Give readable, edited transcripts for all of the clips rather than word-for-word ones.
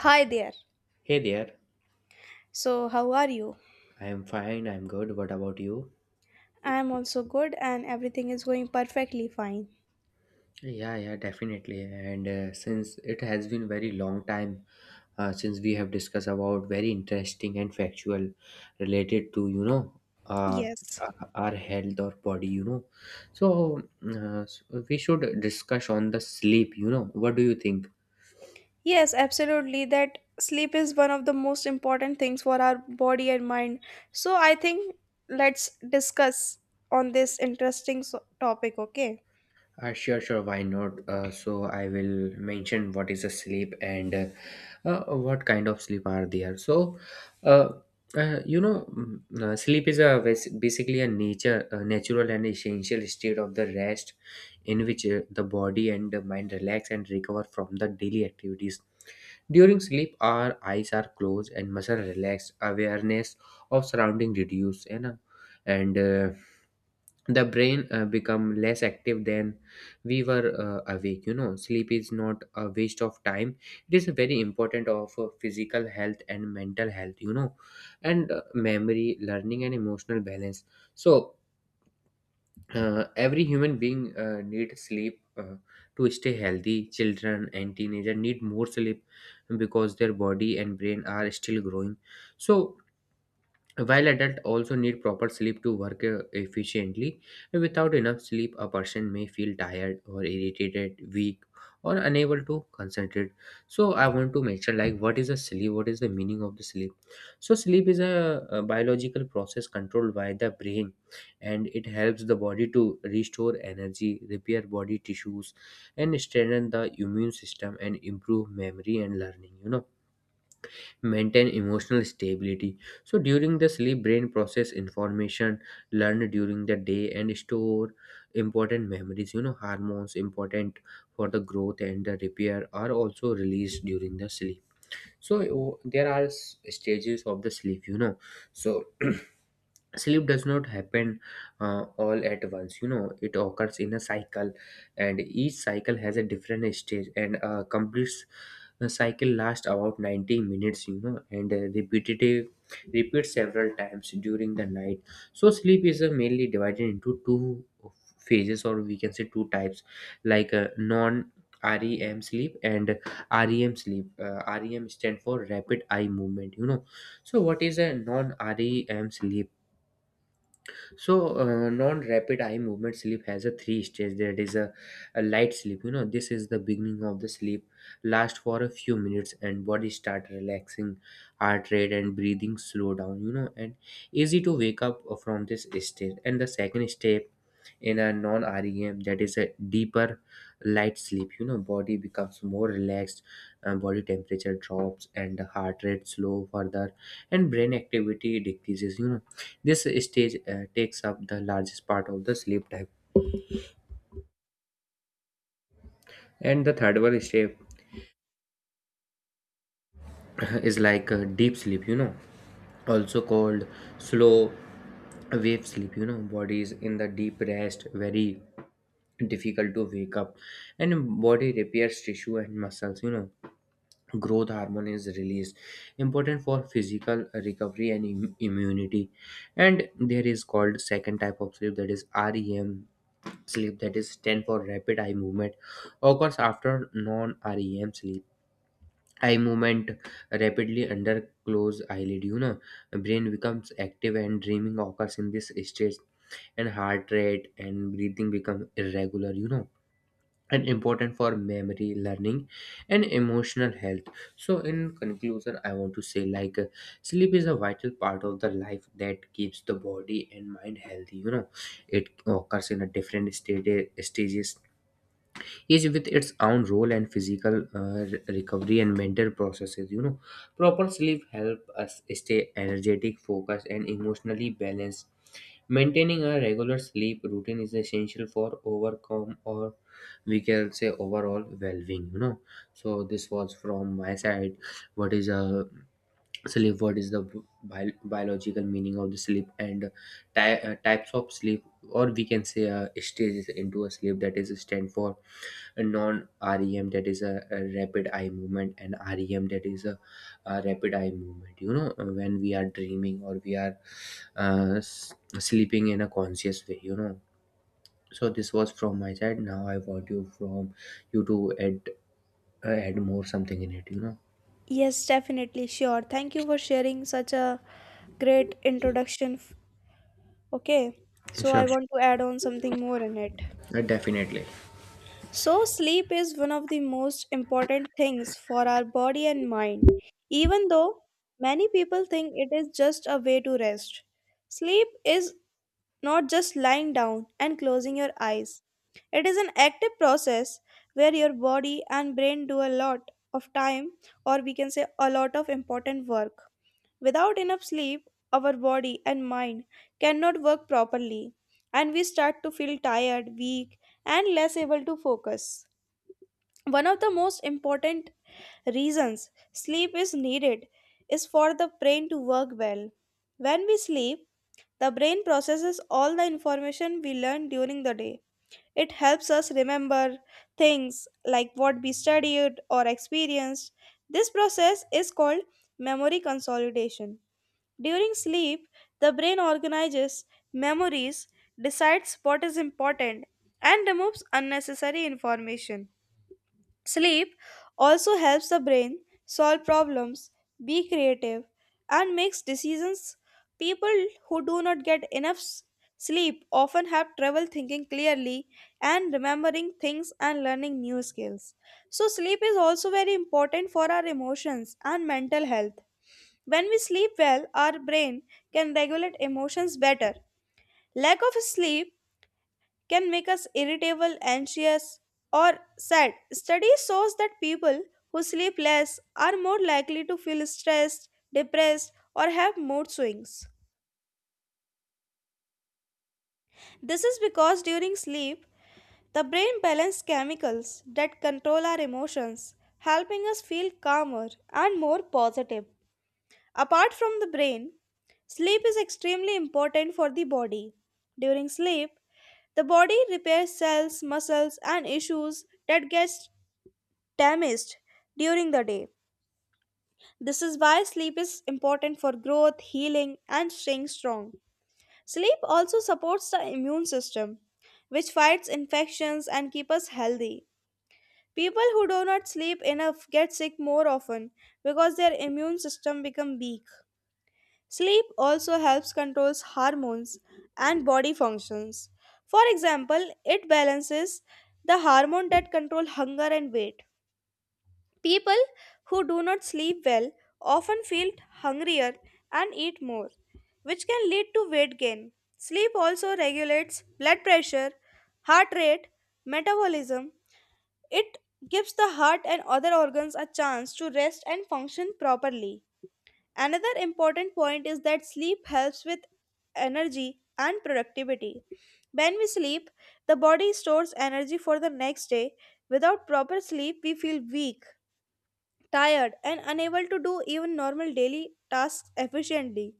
Hi there. Hey there, So, how are you? I'm fine, I'm good. What about you? I'm also good and everything is going perfectly fine. Yeah, yeah, definitely. And since it has been very long time since we have discussed about very interesting and factual related to, uh, Yes. Our health or body. So, so we should discuss on the sleep. What do you think? Yes, absolutely. That sleep is one of the most important things for our body and mind. So, I think let's discuss on this interesting topic, okay? Sure, sure. Why not? So I will mention what is a sleep and what kind of sleep are there. So, uh, sleep is basically a nature, a natural and essential state of the rest, in which the body and the mind relax and recover from the daily activities. During sleep, our eyes are closed and muscle relaxed. Awareness of surrounding reduce, and the brain become less active than we were awake. Sleep is not a waste of time, it is very important of physical health and mental health, and memory, learning and emotional balance. So every human being need sleep to stay healthy. Children and teenager need more sleep because their body and brain are still growing, so while adults also need proper sleep to work efficiently. Without enough sleep, a person may feel tired or irritated, weak, or unable to concentrate. So, I want to mention like, what is a sleep? What is the meaning of the sleep? So, sleep is a biological process controlled by the brain, and it helps the body to restore energy, repair body tissues, and strengthen the immune system and improve memory and learning, maintain emotional stability. So during the sleep, brain process information learned during the day and store important memories. Hormones important for the growth and the repair are also released during the sleep. So oh, there are stages of the sleep. So sleep does not happen all at once, it occurs in a cycle, and each cycle has a different stage, and completes the cycle. Lasts about 90 minutes, and repetitive repeat several times during the night. So sleep is mainly divided into two phases, or we can say two types, like non REM sleep and REM sleep. REM stand for rapid eye movement. You know, so what is a non REM sleep? So, non-rapid eye movement sleep has a three stage. There is a light sleep. You know, this is the beginning of the sleep. Last for a few minutes, and body start relaxing, heart rate and breathing slow down. You know, and easy to wake up from this stage. And the second step in a non-REM, that is a deeper light sleep, body becomes more relaxed, body temperature drops and the heart rate slow further, and brain activity decreases. This stage takes up the largest part of the sleep time. And the third one step is like deep sleep, also called slow wave sleep. Body is in the deep rest, very difficult to wake up, and body repairs tissue and muscles. Growth hormone is released, important for physical recovery and immunity. And there is called second type of sleep, that is REM sleep, that is stand for rapid eye movement, occurs after non REM sleep. Eye movement rapidly under closed eyelid, you know, brain becomes active and dreaming occurs in this stage, and heart rate and breathing become irregular, you know, and important for memory learning and emotional health. So in conclusion, I want to say like sleep is a vital part of the life that keeps the body and mind healthy. It occurs in a different stages, each with its own role and physical recovery and mental processes, you know. Proper sleep help us stay energetic, focused and emotionally balanced. Maintaining a regular sleep routine is essential for overcome, or we can say overall well-being, you know. So this was from my side, what is a sleep, what is the biological meaning of the sleep, and types of sleep, or we can say stages into a sleep, that is stand for a non-rem, that is a rapid eye movement, and rem, that is a rapid eye movement, you know, when we are dreaming or we are sleeping in a conscious way, you know. So this was from my side. Now I want you from you to add add more something in it. You know. Yes, definitely. Sure. Thank you for sharing such a great introduction. Okay. So, I Sure, sure. want to add on something more in it. Definitely. So, sleep is one of the most important things for our body and mind, even though many people think it is just a way to rest. Sleep is not just lying down and closing your eyes, it is an active process where your body and brain do a lot of time, or we can say a lot of important work. Without enough sleep, our body and mind cannot work properly, and we start to feel tired, weak, and less able to focus. One of the most important reasons sleep is needed is for the brain to work well. When we sleep, the brain processes all the information we learn during the day. It helps us remember things like what we studied or experienced. This process is called memory consolidation. During sleep, the brain organizes memories, decides what is important, and removes unnecessary information. Sleep also helps the brain solve problems, be creative, and makes decisions. People who do not get enough sleep often have trouble thinking clearly and remembering things and learning new skills. So, sleep is also very important for our emotions and mental health. When we sleep well, our brain can regulate emotions better. Lack of sleep can make us irritable, anxious, or sad. Study shows that people who sleep less are more likely to feel stressed, depressed, or have mood swings. This is because during sleep, the brain balances chemicals that control our emotions, helping us feel calmer and more positive. Apart from the brain, sleep is extremely important for the body. During sleep, the body repairs cells, muscles, and issues that gets damaged during the day. This is why sleep is important for growth, healing, and staying strong. Sleep also supports the immune system, which fights infections and keeps us healthy. People who do not sleep enough get sick more often because their immune system becomes weak. Sleep also helps controls hormones and body functions. For example, it balances the hormone that control hunger and weight. People who do not sleep well often feel hungrier and eat more, which can lead to weight gain. Sleep also regulates blood pressure, heart rate, metabolism. It gives the heart and other organs a chance to rest and function properly. Another important point is that sleep helps with energy and productivity. When we sleep, the body stores energy for the next day. Without proper sleep, we feel weak, tired, and unable to do even normal daily tasks efficiently.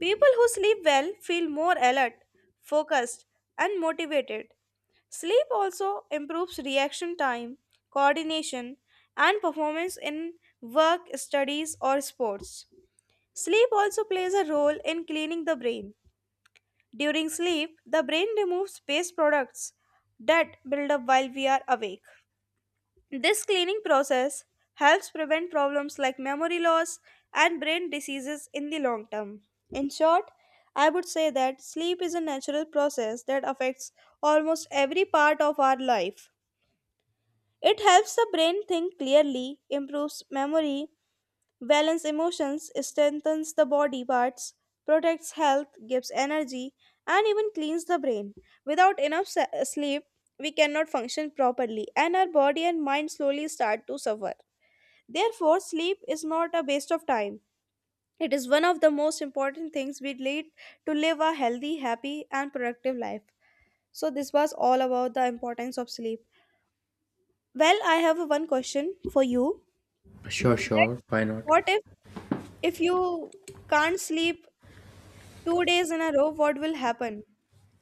People who sleep well feel more alert, focused, and motivated. Sleep also improves reaction time, coordination, and performance in work, studies, or sports. Sleep also plays a role in cleaning the brain. During sleep, the brain removes waste products that build up while we are awake. This cleaning process helps prevent problems like memory loss and brain diseases in the long term. In short, I would say that sleep is a natural process that affects almost every part of our life. It helps the brain think clearly, improves memory, balance emotions, strengthens the body parts, protects health, gives energy, and even cleans the brain. Without enough sleep, we cannot function properly, and our body and mind slowly start to suffer. Therefore, sleep is not a waste of time. It is one of the most important things we need to live a healthy, happy, and productive life. So, this was all about the importance of sleep. Well, I have one question for you. Sure. That, Sure. Why not? what if you can't sleep 2 days in a row, what will happen?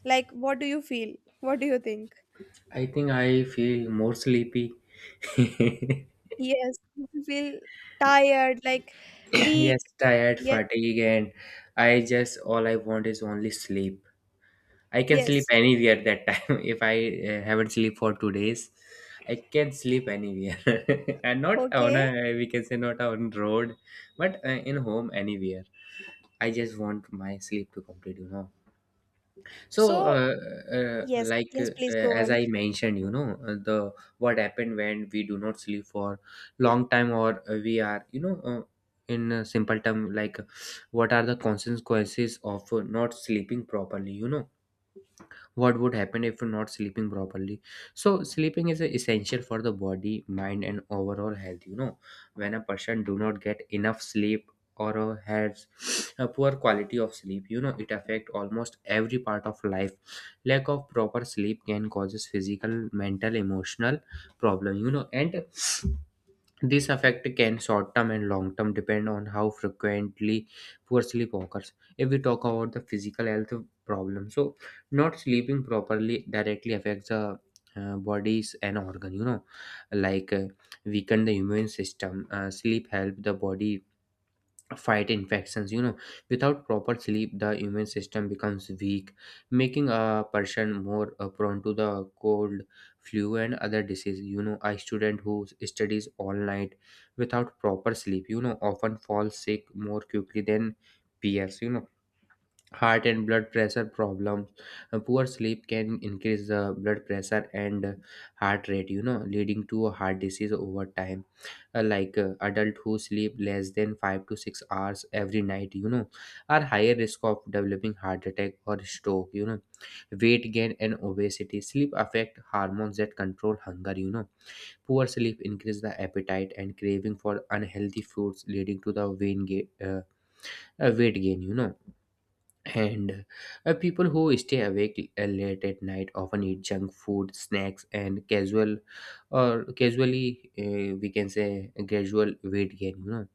Like, what do you feel? What do you think? I think I feel more sleepy. Yes, Yes, you will feel tired, like weak. tired, Yes, fatigue, and I just, all I want is only sleep. I can sleep yes. anywhere that time. If I haven't sleep for 2 days, I can sleep anywhere, and not on Okay. a, we can say not on road, but in home anywhere. I just want my sleep to complete, you know. So, So, yes, like yes, please go as on. I mentioned, you know, the what happened when we do not sleep for long time, or we are, you know, in a simple term, like what are the consequences of not sleeping properly, you know, what would happen if you're not sleeping properly. So sleeping is essential for the body, mind and overall health, you know. When a person do not get enough sleep, or has a poor quality of sleep, you know, it affect almost every part of life. Lack of proper sleep can causes physical, mental, emotional problem, you know, and this effect can short term and long term depend on how frequently poor sleep occurs. If we talk about the physical health problem, so not sleeping properly directly affects the body's an organ, you know, like weaken the immune system. Sleep help the body fight infections, you know, without proper sleep the immune system becomes weak, making a person more prone to the cold, flu and other diseases, you know. A student who studies all night without proper sleep, you know, often falls sick more quickly than peers, you know. Heart and blood pressure problems. Poor sleep can increase the blood pressure and heart rate, you know, leading to a heart disease over time. Like adult who sleep less than 5 to 6 hours every night, you know, are higher risk of developing heart attack or stroke, you know. Weight gain and obesity, sleep affect hormones that control hunger, you know. Poor sleep increase the appetite and craving for unhealthy foods, leading to the weight gain, you know. And people who stay awake late at night often eat junk food snacks and casual, or casually we can say gradual weight gain, you know.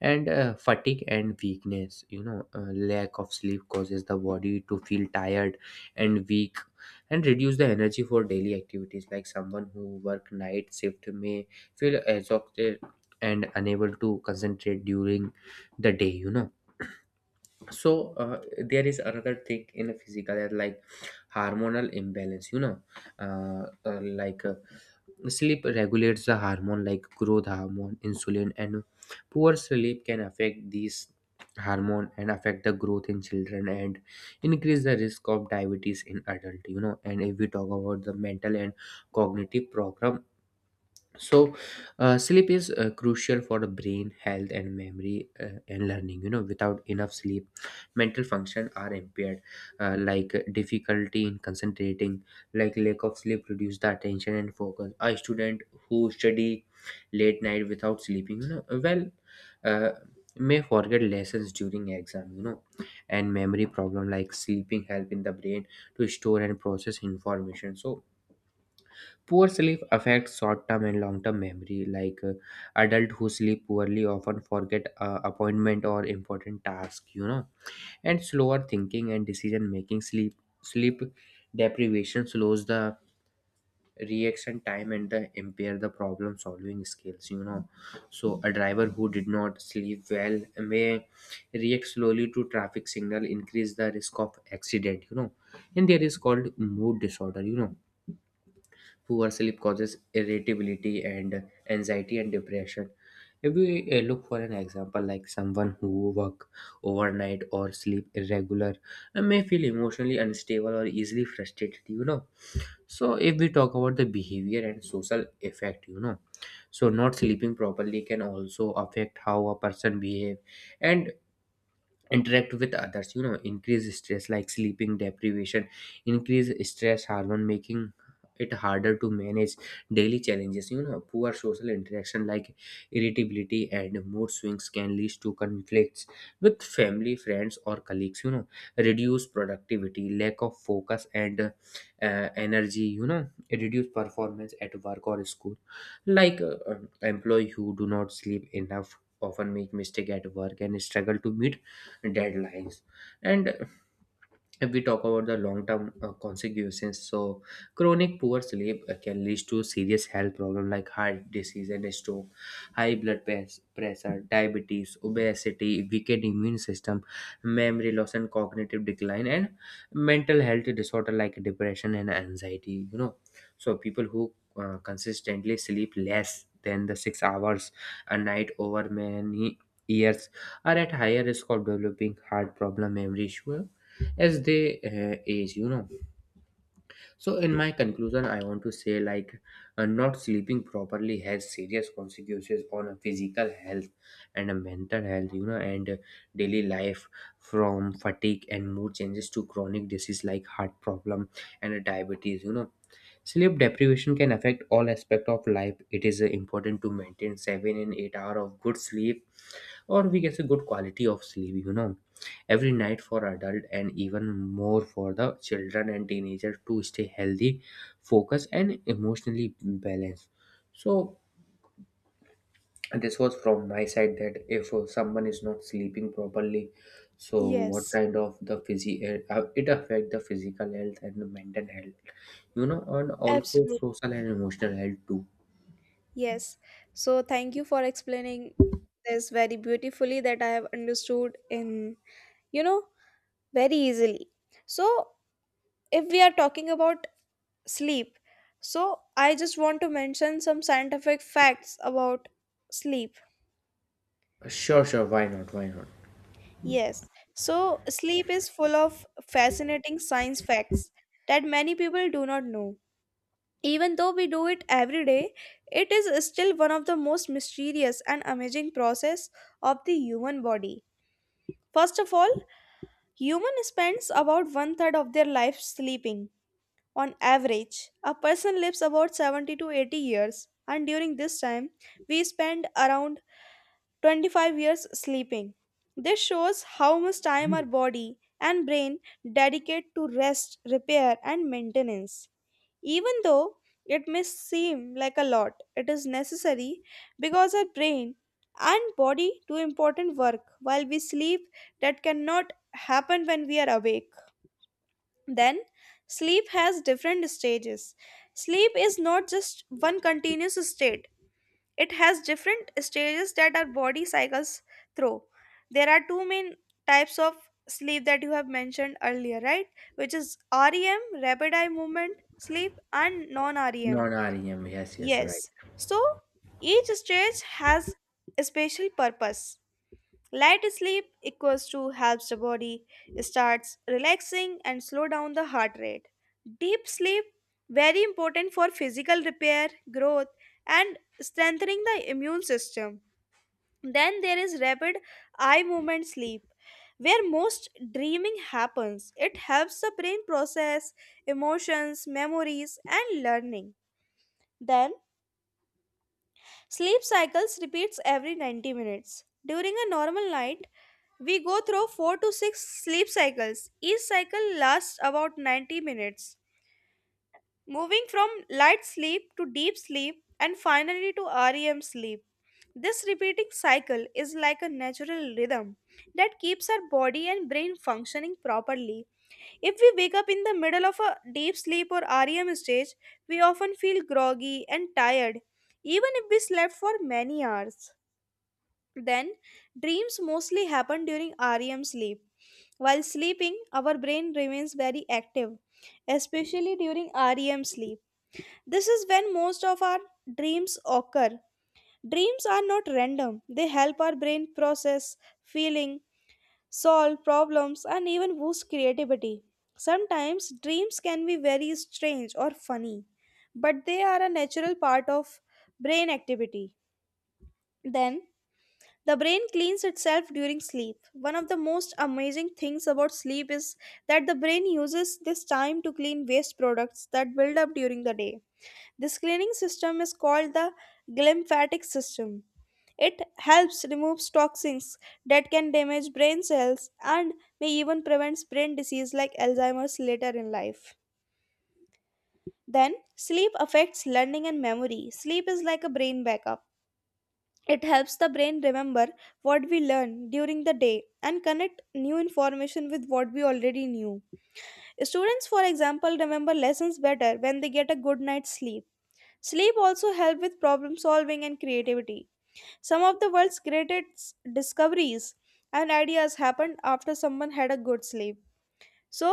And fatigue and weakness, you know, lack of sleep causes the body to feel tired and weak, and reduce the energy for daily activities, like someone who work night shift may feel exhausted and unable to concentrate during the day, you know. So there is another thing in a physical health like hormonal imbalance, you know. uh, uh, like uh, sleep regulates the hormone like growth hormone, insulin, and poor sleep can affect these hormone, and affect the growth in children, and increase the risk of diabetes in adult, you know. And if we talk about the mental and cognitive program, so sleep is crucial for the brain health and memory and learning, you know. Without enough sleep, mental function are impaired, like difficulty in concentrating, like lack of sleep reduce the attention and focus. A student who study late night without sleeping, you know, well uh, may forget lessons during exam, you know. And memory problem, like sleeping help in the brain to store and process information. So poor sleep affects short term and long term memory. Like adults who sleep poorly often forget appointment or important task, you know, and slower thinking and decision making. Sleep deprivation slows the reaction time and the impair the problem solving skills, you know. So a driver who did not sleep well may react slowly to traffic signal, increase the risk of accident, you know. And there is called mood disorder, you know. Poor sleep causes irritability and anxiety and depression. If we look for an example, like someone who work overnight or sleep irregular may feel emotionally unstable or easily frustrated, you know. So if we talk about the behavior and social effect, you know, so not sleeping properly can also affect how a person behave and interact with others, you know. Increase stress, like sleeping deprivation increase stress hormone making it harder to manage daily challenges. Poor social interaction like irritability and mood swings can lead to conflicts with family, friends, or colleagues, you know. Reduce productivity, lack of focus and energy, you know. Reduce performance at work or school, like employee who do not sleep enough often make mistake at work and struggle to meet deadlines. And if we talk about the long-term consequences, so chronic poor sleep can lead to serious health problems like heart disease and stroke, high blood pressure, diabetes, obesity, weakened immune system, memory loss and cognitive decline, and mental health disorder like depression and anxiety, you know. So people who consistently sleep less than the 6 hours a night over many years are at higher risk of developing heart problem, memory issue as they age, you know. So in my conclusion, I want to say like not sleeping properly has serious consequences on a physical health and a mental health, you know, and daily life, from fatigue and mood changes to chronic disease like heart problem and diabetes, you know. Sleep deprivation can affect all aspect of life. It is important to maintain 7 and 8 hour of good sleep, or we can say good quality of sleep, you know, every night for adult, and even more for the children and teenagers, to stay healthy, focused and emotionally balanced. So this was from my side, that if someone is not sleeping properly, so what Yes, kind of the physi it affect the physical health and the mental health, you know, and also absolutely. social and emotional health too. Yes. So, thank you for explaining this very beautifully that I have understood in, you know, very easily. So, if we are talking about sleep. So, I just want to mention some scientific facts about sleep. Sure, sure, why not, why not. Yes. So, sleep is full of fascinating science facts that many people do not know. Even though we do it every day, it is still one of the most mysterious and amazing process of the human body. First of all, human spends about one third of their life sleeping. On average, a person lives about 70 to 80 years, and during this time, we spend around 25 years sleeping. This shows how much time our body and brain dedicate to rest, repair, and maintenance. Even though it may seem like a lot, it is necessary because our brain and body do important work while we sleep that cannot happen when we are awake. Then, sleep has different stages. Sleep is not just one continuous state, it has different stages that our body cycles through. There are two main types of sleep that you have mentioned earlier, right? Which is REM, rapid eye movement sleep, and non REM. Non-rem, yes, yes, right. Yes. So, each stage has a special purpose. Light sleep equals to helps the body starts relaxing and slow down the heart rate. Deep sleep very important for physical repair, growth and strengthening the immune system. Then there is rapid eye movement sleep where most dreaming happens. It helps the brain process emotions, memories and learning. Then sleep cycles repeats every 90 minutes. During a normal night, we go through 4 to 6 sleep cycles. Each cycle lasts about 90 minutes, moving from light sleep to deep sleep and finally to REM sleep. This repeating cycle is like a natural rhythm that keeps our body and brain functioning properly. If we wake up in the middle of a deep sleep or REM stage, we often feel groggy and tired, even if we slept for many hours. Then, dreams mostly happen during REM sleep. While sleeping, our brain remains very active, especially during REM sleep. This is when most of our dreams occur. Dreams are not random, they help our brain process, feeling, solve problems, and even boost creativity. Sometimes dreams can be very strange or funny, but they are a natural part of brain activity. Then, the brain cleans itself during sleep. One of the most amazing things about sleep is that the brain uses this time to clean waste products that build up during the day. This cleaning system is called the glymphatic system. It helps remove toxins that can damage brain cells and may even prevent brain disease like Alzheimer's later in life. Then, sleep affects learning and memory. Sleep is like a brain backup. It helps the brain remember what we learned during the day and connect new information with what we already knew. Students, for example, remember lessons better when they get a good night's sleep. Sleep also helps with problem solving and creativity. Some of the world's greatest discoveries and ideas happened after someone had a good sleep. So,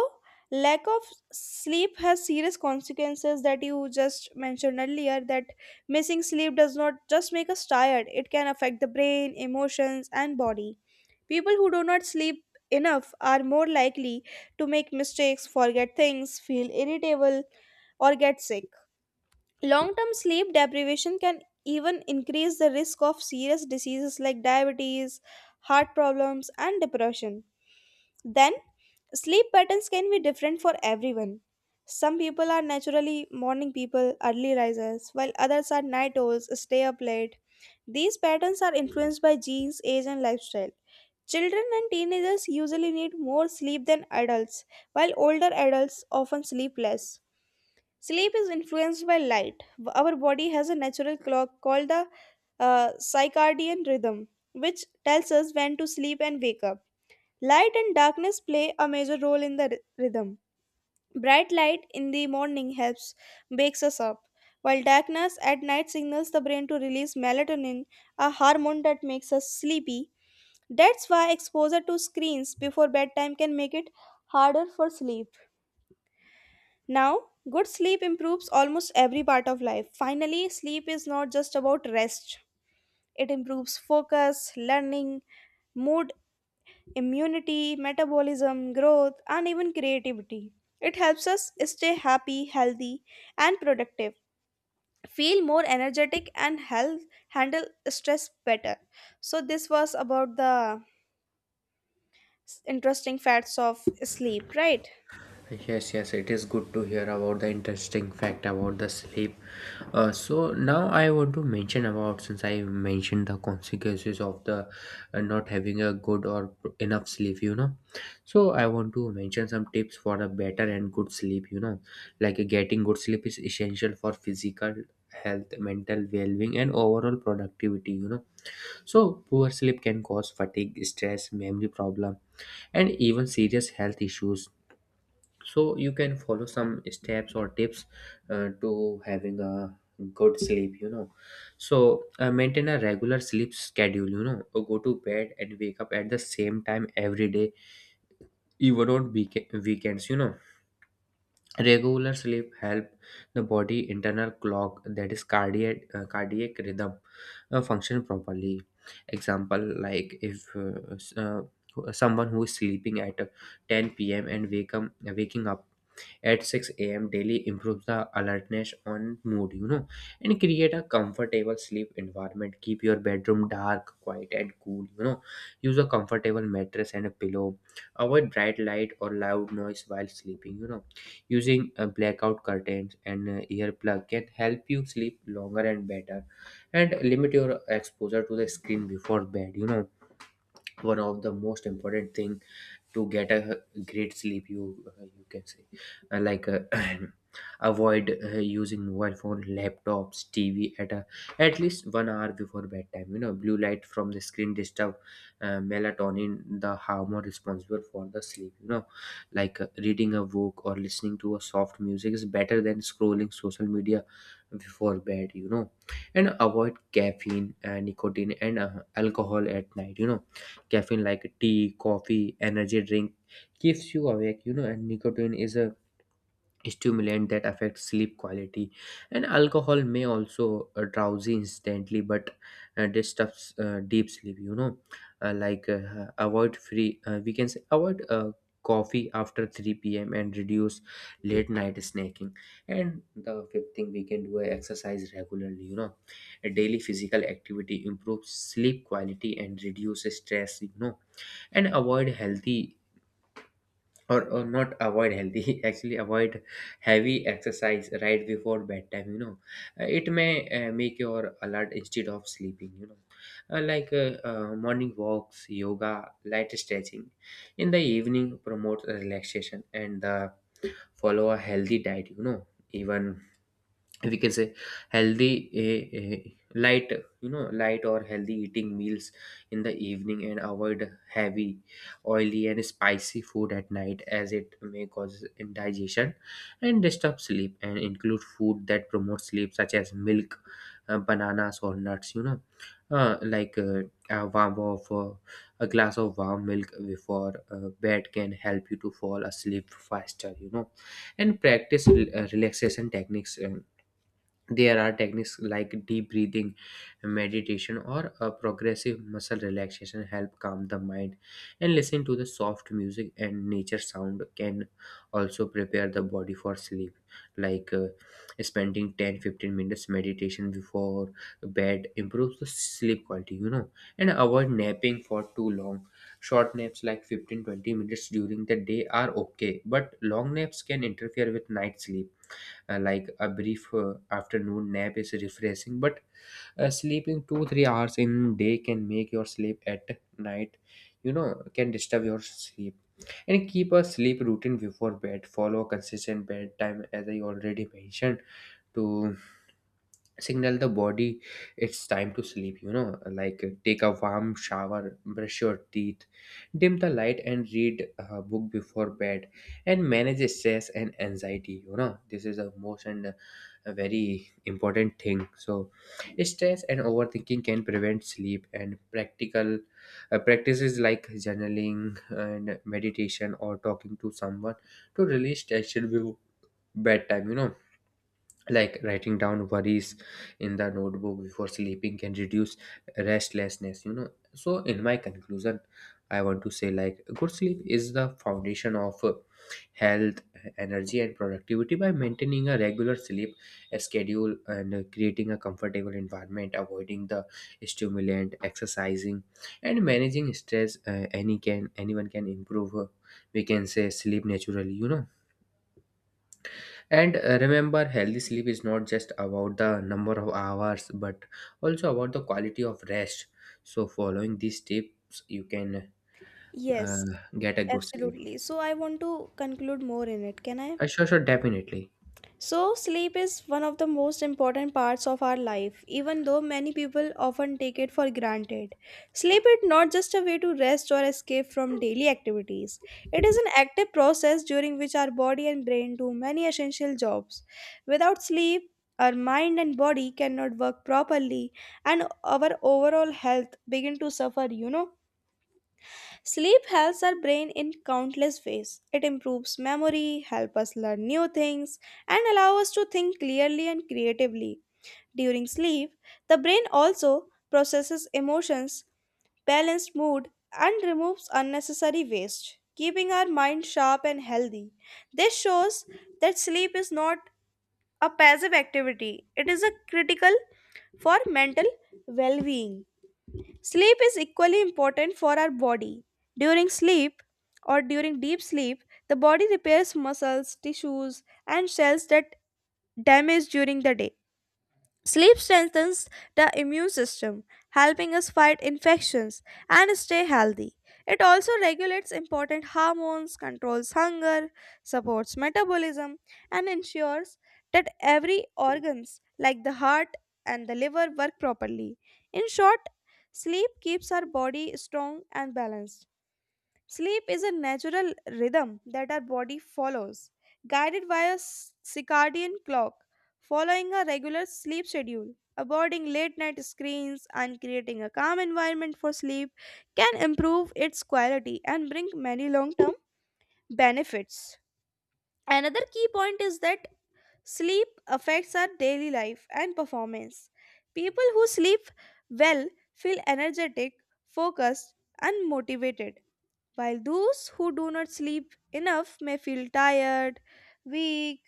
lack of sleep has serious consequences that you just mentioned earlier. That missing sleep does not just make us tired, it can affect the brain, emotions, and body. People who do not sleep enough are more likely to make mistakes, forget things, feel irritable, or get sick. Long term sleep deprivation can even increase the risk of serious diseases like diabetes, heart problems, and depression. Then, sleep patterns can be different for everyone. Some people are naturally morning people, early risers, while others are night owls, stay up late. These patterns are influenced by genes, age, and lifestyle. Children and teenagers usually need more sleep than adults, while older adults often sleep less. Sleep is influenced by light. Our body has a natural clock called the circadian rhythm, which tells us when to sleep and wake up. Light and darkness play a major role in the rhythm. Bright light in the morning helps wakes us up, while darkness at night signals the brain to release melatonin, a hormone that makes us sleepy. That's why exposure to screens before bedtime can make it harder for sleep. Now, good sleep improves almost every part of life. Finally, sleep is not just about rest. It improves focus, learning, mood, immunity, metabolism, growth, and even creativity. It helps us stay happy, healthy, and productive, feel more energetic, and health, handle stress better. So, this was about the interesting facts of sleep, right? Yes, yes, it is good to hear about the interesting fact about the sleep. So now I want to mention about, since I mentioned the consequences of the not having a good or enough sleep, you know. So I want to mention some tips for a better and good sleep, you know. Like getting good sleep is essential for physical health, mental well-being, and overall productivity, you know. So poor sleep can cause fatigue, stress, memory problem, and even serious health issues, so you can follow some steps or tips to having a good sleep, you know. So maintain a regular sleep schedule, you know. Go to bed and wake up at the same time every day, even on weekends, you know. Regular sleep help the body internal clock, that is cardiac, cardiac rhythm, function properly. Example, like if someone who is sleeping at 10 p.m. and waking up at 6 a.m. daily, improves the alertness on mood, you know. And create a comfortable sleep environment. Keep your bedroom dark, quiet, and cool, you know. Use a comfortable mattress and a pillow. Avoid bright light or loud noise while sleeping, you know. Using blackout curtains and earplug can help you sleep longer and better, and limit your exposure to the screen before bed. You know, one of the most important thing to get a great sleep, you you can say. Like avoid using mobile phone, laptops, tv at at least 1 hour before bedtime, you know. Blue light from the screen disturb melatonin, the hormone responsible for the sleep, you know. Like reading a book or listening to a soft music is better than scrolling social media before bed, you know. And avoid caffeine, nicotine and alcohol at night, you know. Caffeine like tea, coffee, energy drink keeps you awake, you know, and nicotine is a stimulant that affects sleep quality. And alcohol may also drowsy instantly but disturbs deep sleep, you know. Like we can say avoid coffee after 3 p.m. and reduce late night snacking. And the fifth thing we can do is exercise regularly, you know. A daily physical activity improves sleep quality and reduces stress, you know. And avoid healthy, or not avoid healthy actually avoid heavy exercise right before bedtime, you know. It may make your alert instead of sleeping, you know. Like morning walks, yoga, light stretching in the evening promotes relaxation, and follow a healthy diet, you know. Even we can say healthy, light, you know, light or healthy eating meals in the evening, and avoid heavy, oily and spicy food at night as it may cause indigestion and disturb sleep. And include food that promotes sleep such as milk, bananas or nuts, you know. uh, like uh, a warm of uh, a glass of warm milk before bed can help you to fall asleep faster, you know. And practice relaxation techniques. There are techniques like deep breathing, meditation, or a progressive muscle relaxation help calm the mind. And listening to the soft music and nature sound can also prepare the body for sleep. Like spending 10 15 minutes meditation before bed improves the sleep quality, you know. And avoid napping for too long. Short naps like 15 20 minutes during the day are okay, but long naps can interfere with night sleep. Like a brief afternoon nap is refreshing, but sleeping 2 3 hours in day can make your sleep at night. You know, can disturb your sleep. And keep a sleep routine before bed. Follow a consistent bedtime, as I already mentioned, to signal the body it's time to sleep, you know. Like take a warm shower, brush your teeth, dim the light and read a book before bed. And manage stress and anxiety, you know. This is a most and a very important thing. So stress and overthinking can prevent sleep, and practical practices like journaling and meditation or talking to someone to release tension before bedtime, you know. Like writing down worries in the notebook before sleeping can reduce restlessness, you know. So in my conclusion, I want to say like good sleep is the foundation of health, energy and productivity. By maintaining a regular sleep schedule and creating a comfortable environment, avoiding the stimulant, exercising and managing stress, any can anyone can improve, we can say, sleep naturally, you know. And remember, healthy sleep is not just about the number of hours, but also about the quality of rest. So following these tips, you can Yes, uh, get a good sleep. absolutely. So, I want to conclude more in it. Can I? Sure, sure, definitely. So, sleep is one of the most important parts of our life, even though many people often take it for granted. Sleep is not just a way to rest or escape from daily activities, it is an active process during which our body and brain do many essential jobs. Without sleep, our mind and body cannot work properly and our overall health begin to suffer, you know. Sleep helps our brain in countless ways. It improves memory, helps us learn new things, and allows us to think clearly and creatively. During sleep, the brain also processes emotions, balances mood, and removes unnecessary waste, keeping our mind sharp and healthy. This shows that sleep is not a passive activity, it is a critical for mental well-being. Sleep is equally important for our body. During sleep or during deep sleep, the body repairs muscles, tissues, and cells that damage during the day. Sleep strengthens the immune system, helping us fight infections and stay healthy. It also regulates important hormones, controls hunger, supports metabolism, and ensures that every organs like the heart and the liver work properly. In short, sleep keeps our body strong and balanced. Sleep is a natural rhythm that our body follows, guided by a circadian clock, following a regular sleep schedule. Avoiding late night screens and creating a calm environment for sleep can improve its quality and bring many long term benefits. Another key point is that sleep affects our daily life and performance. People who sleep well feel energetic, focused, and motivated, while those who do not sleep enough may feel tired, weak,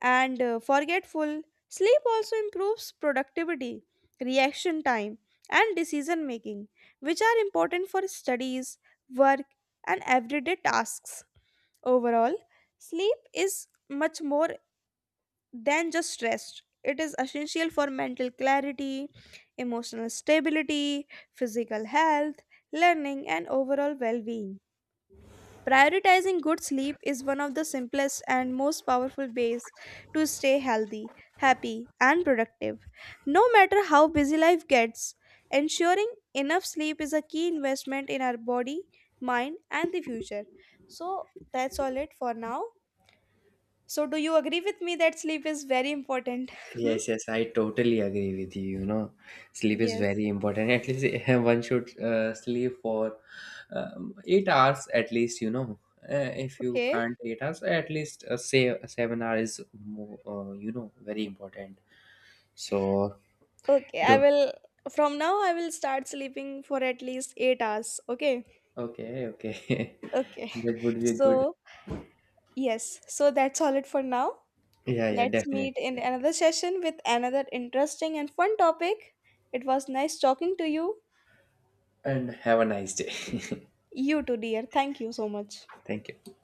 and forgetful. Sleep also improves productivity, reaction time, and decision making, which are important for studies, work, and everyday tasks. Overall, sleep is much more than just rest. It is essential for mental clarity, emotional stability, physical health, learning, and overall well being. Prioritizing good sleep is one of the simplest and most powerful ways to stay healthy, happy, and productive. No matter how busy life gets, ensuring enough sleep is a key investment in our body, mind, and the future. So, that's all it for now. So, do you agree with me that sleep is very important? Yes, yes, I totally agree with you. You know, sleep is Yes. very important. At least one should sleep for 8 hours at least. You know, if you Okay. can't 8 hours, at least say 7 hours is more, you know, very important. So Okay. it. I will, from now, I will start sleeping for at least 8 hours. Okay. Okay, okay. Okay. That would be good. So, yes. So that's all it for now. Yeah, yeah, Let's definitely. meet in another session with another interesting and fun topic. It was nice talking to you. And have a nice day. You too, dear. Thank you so much. Thank you.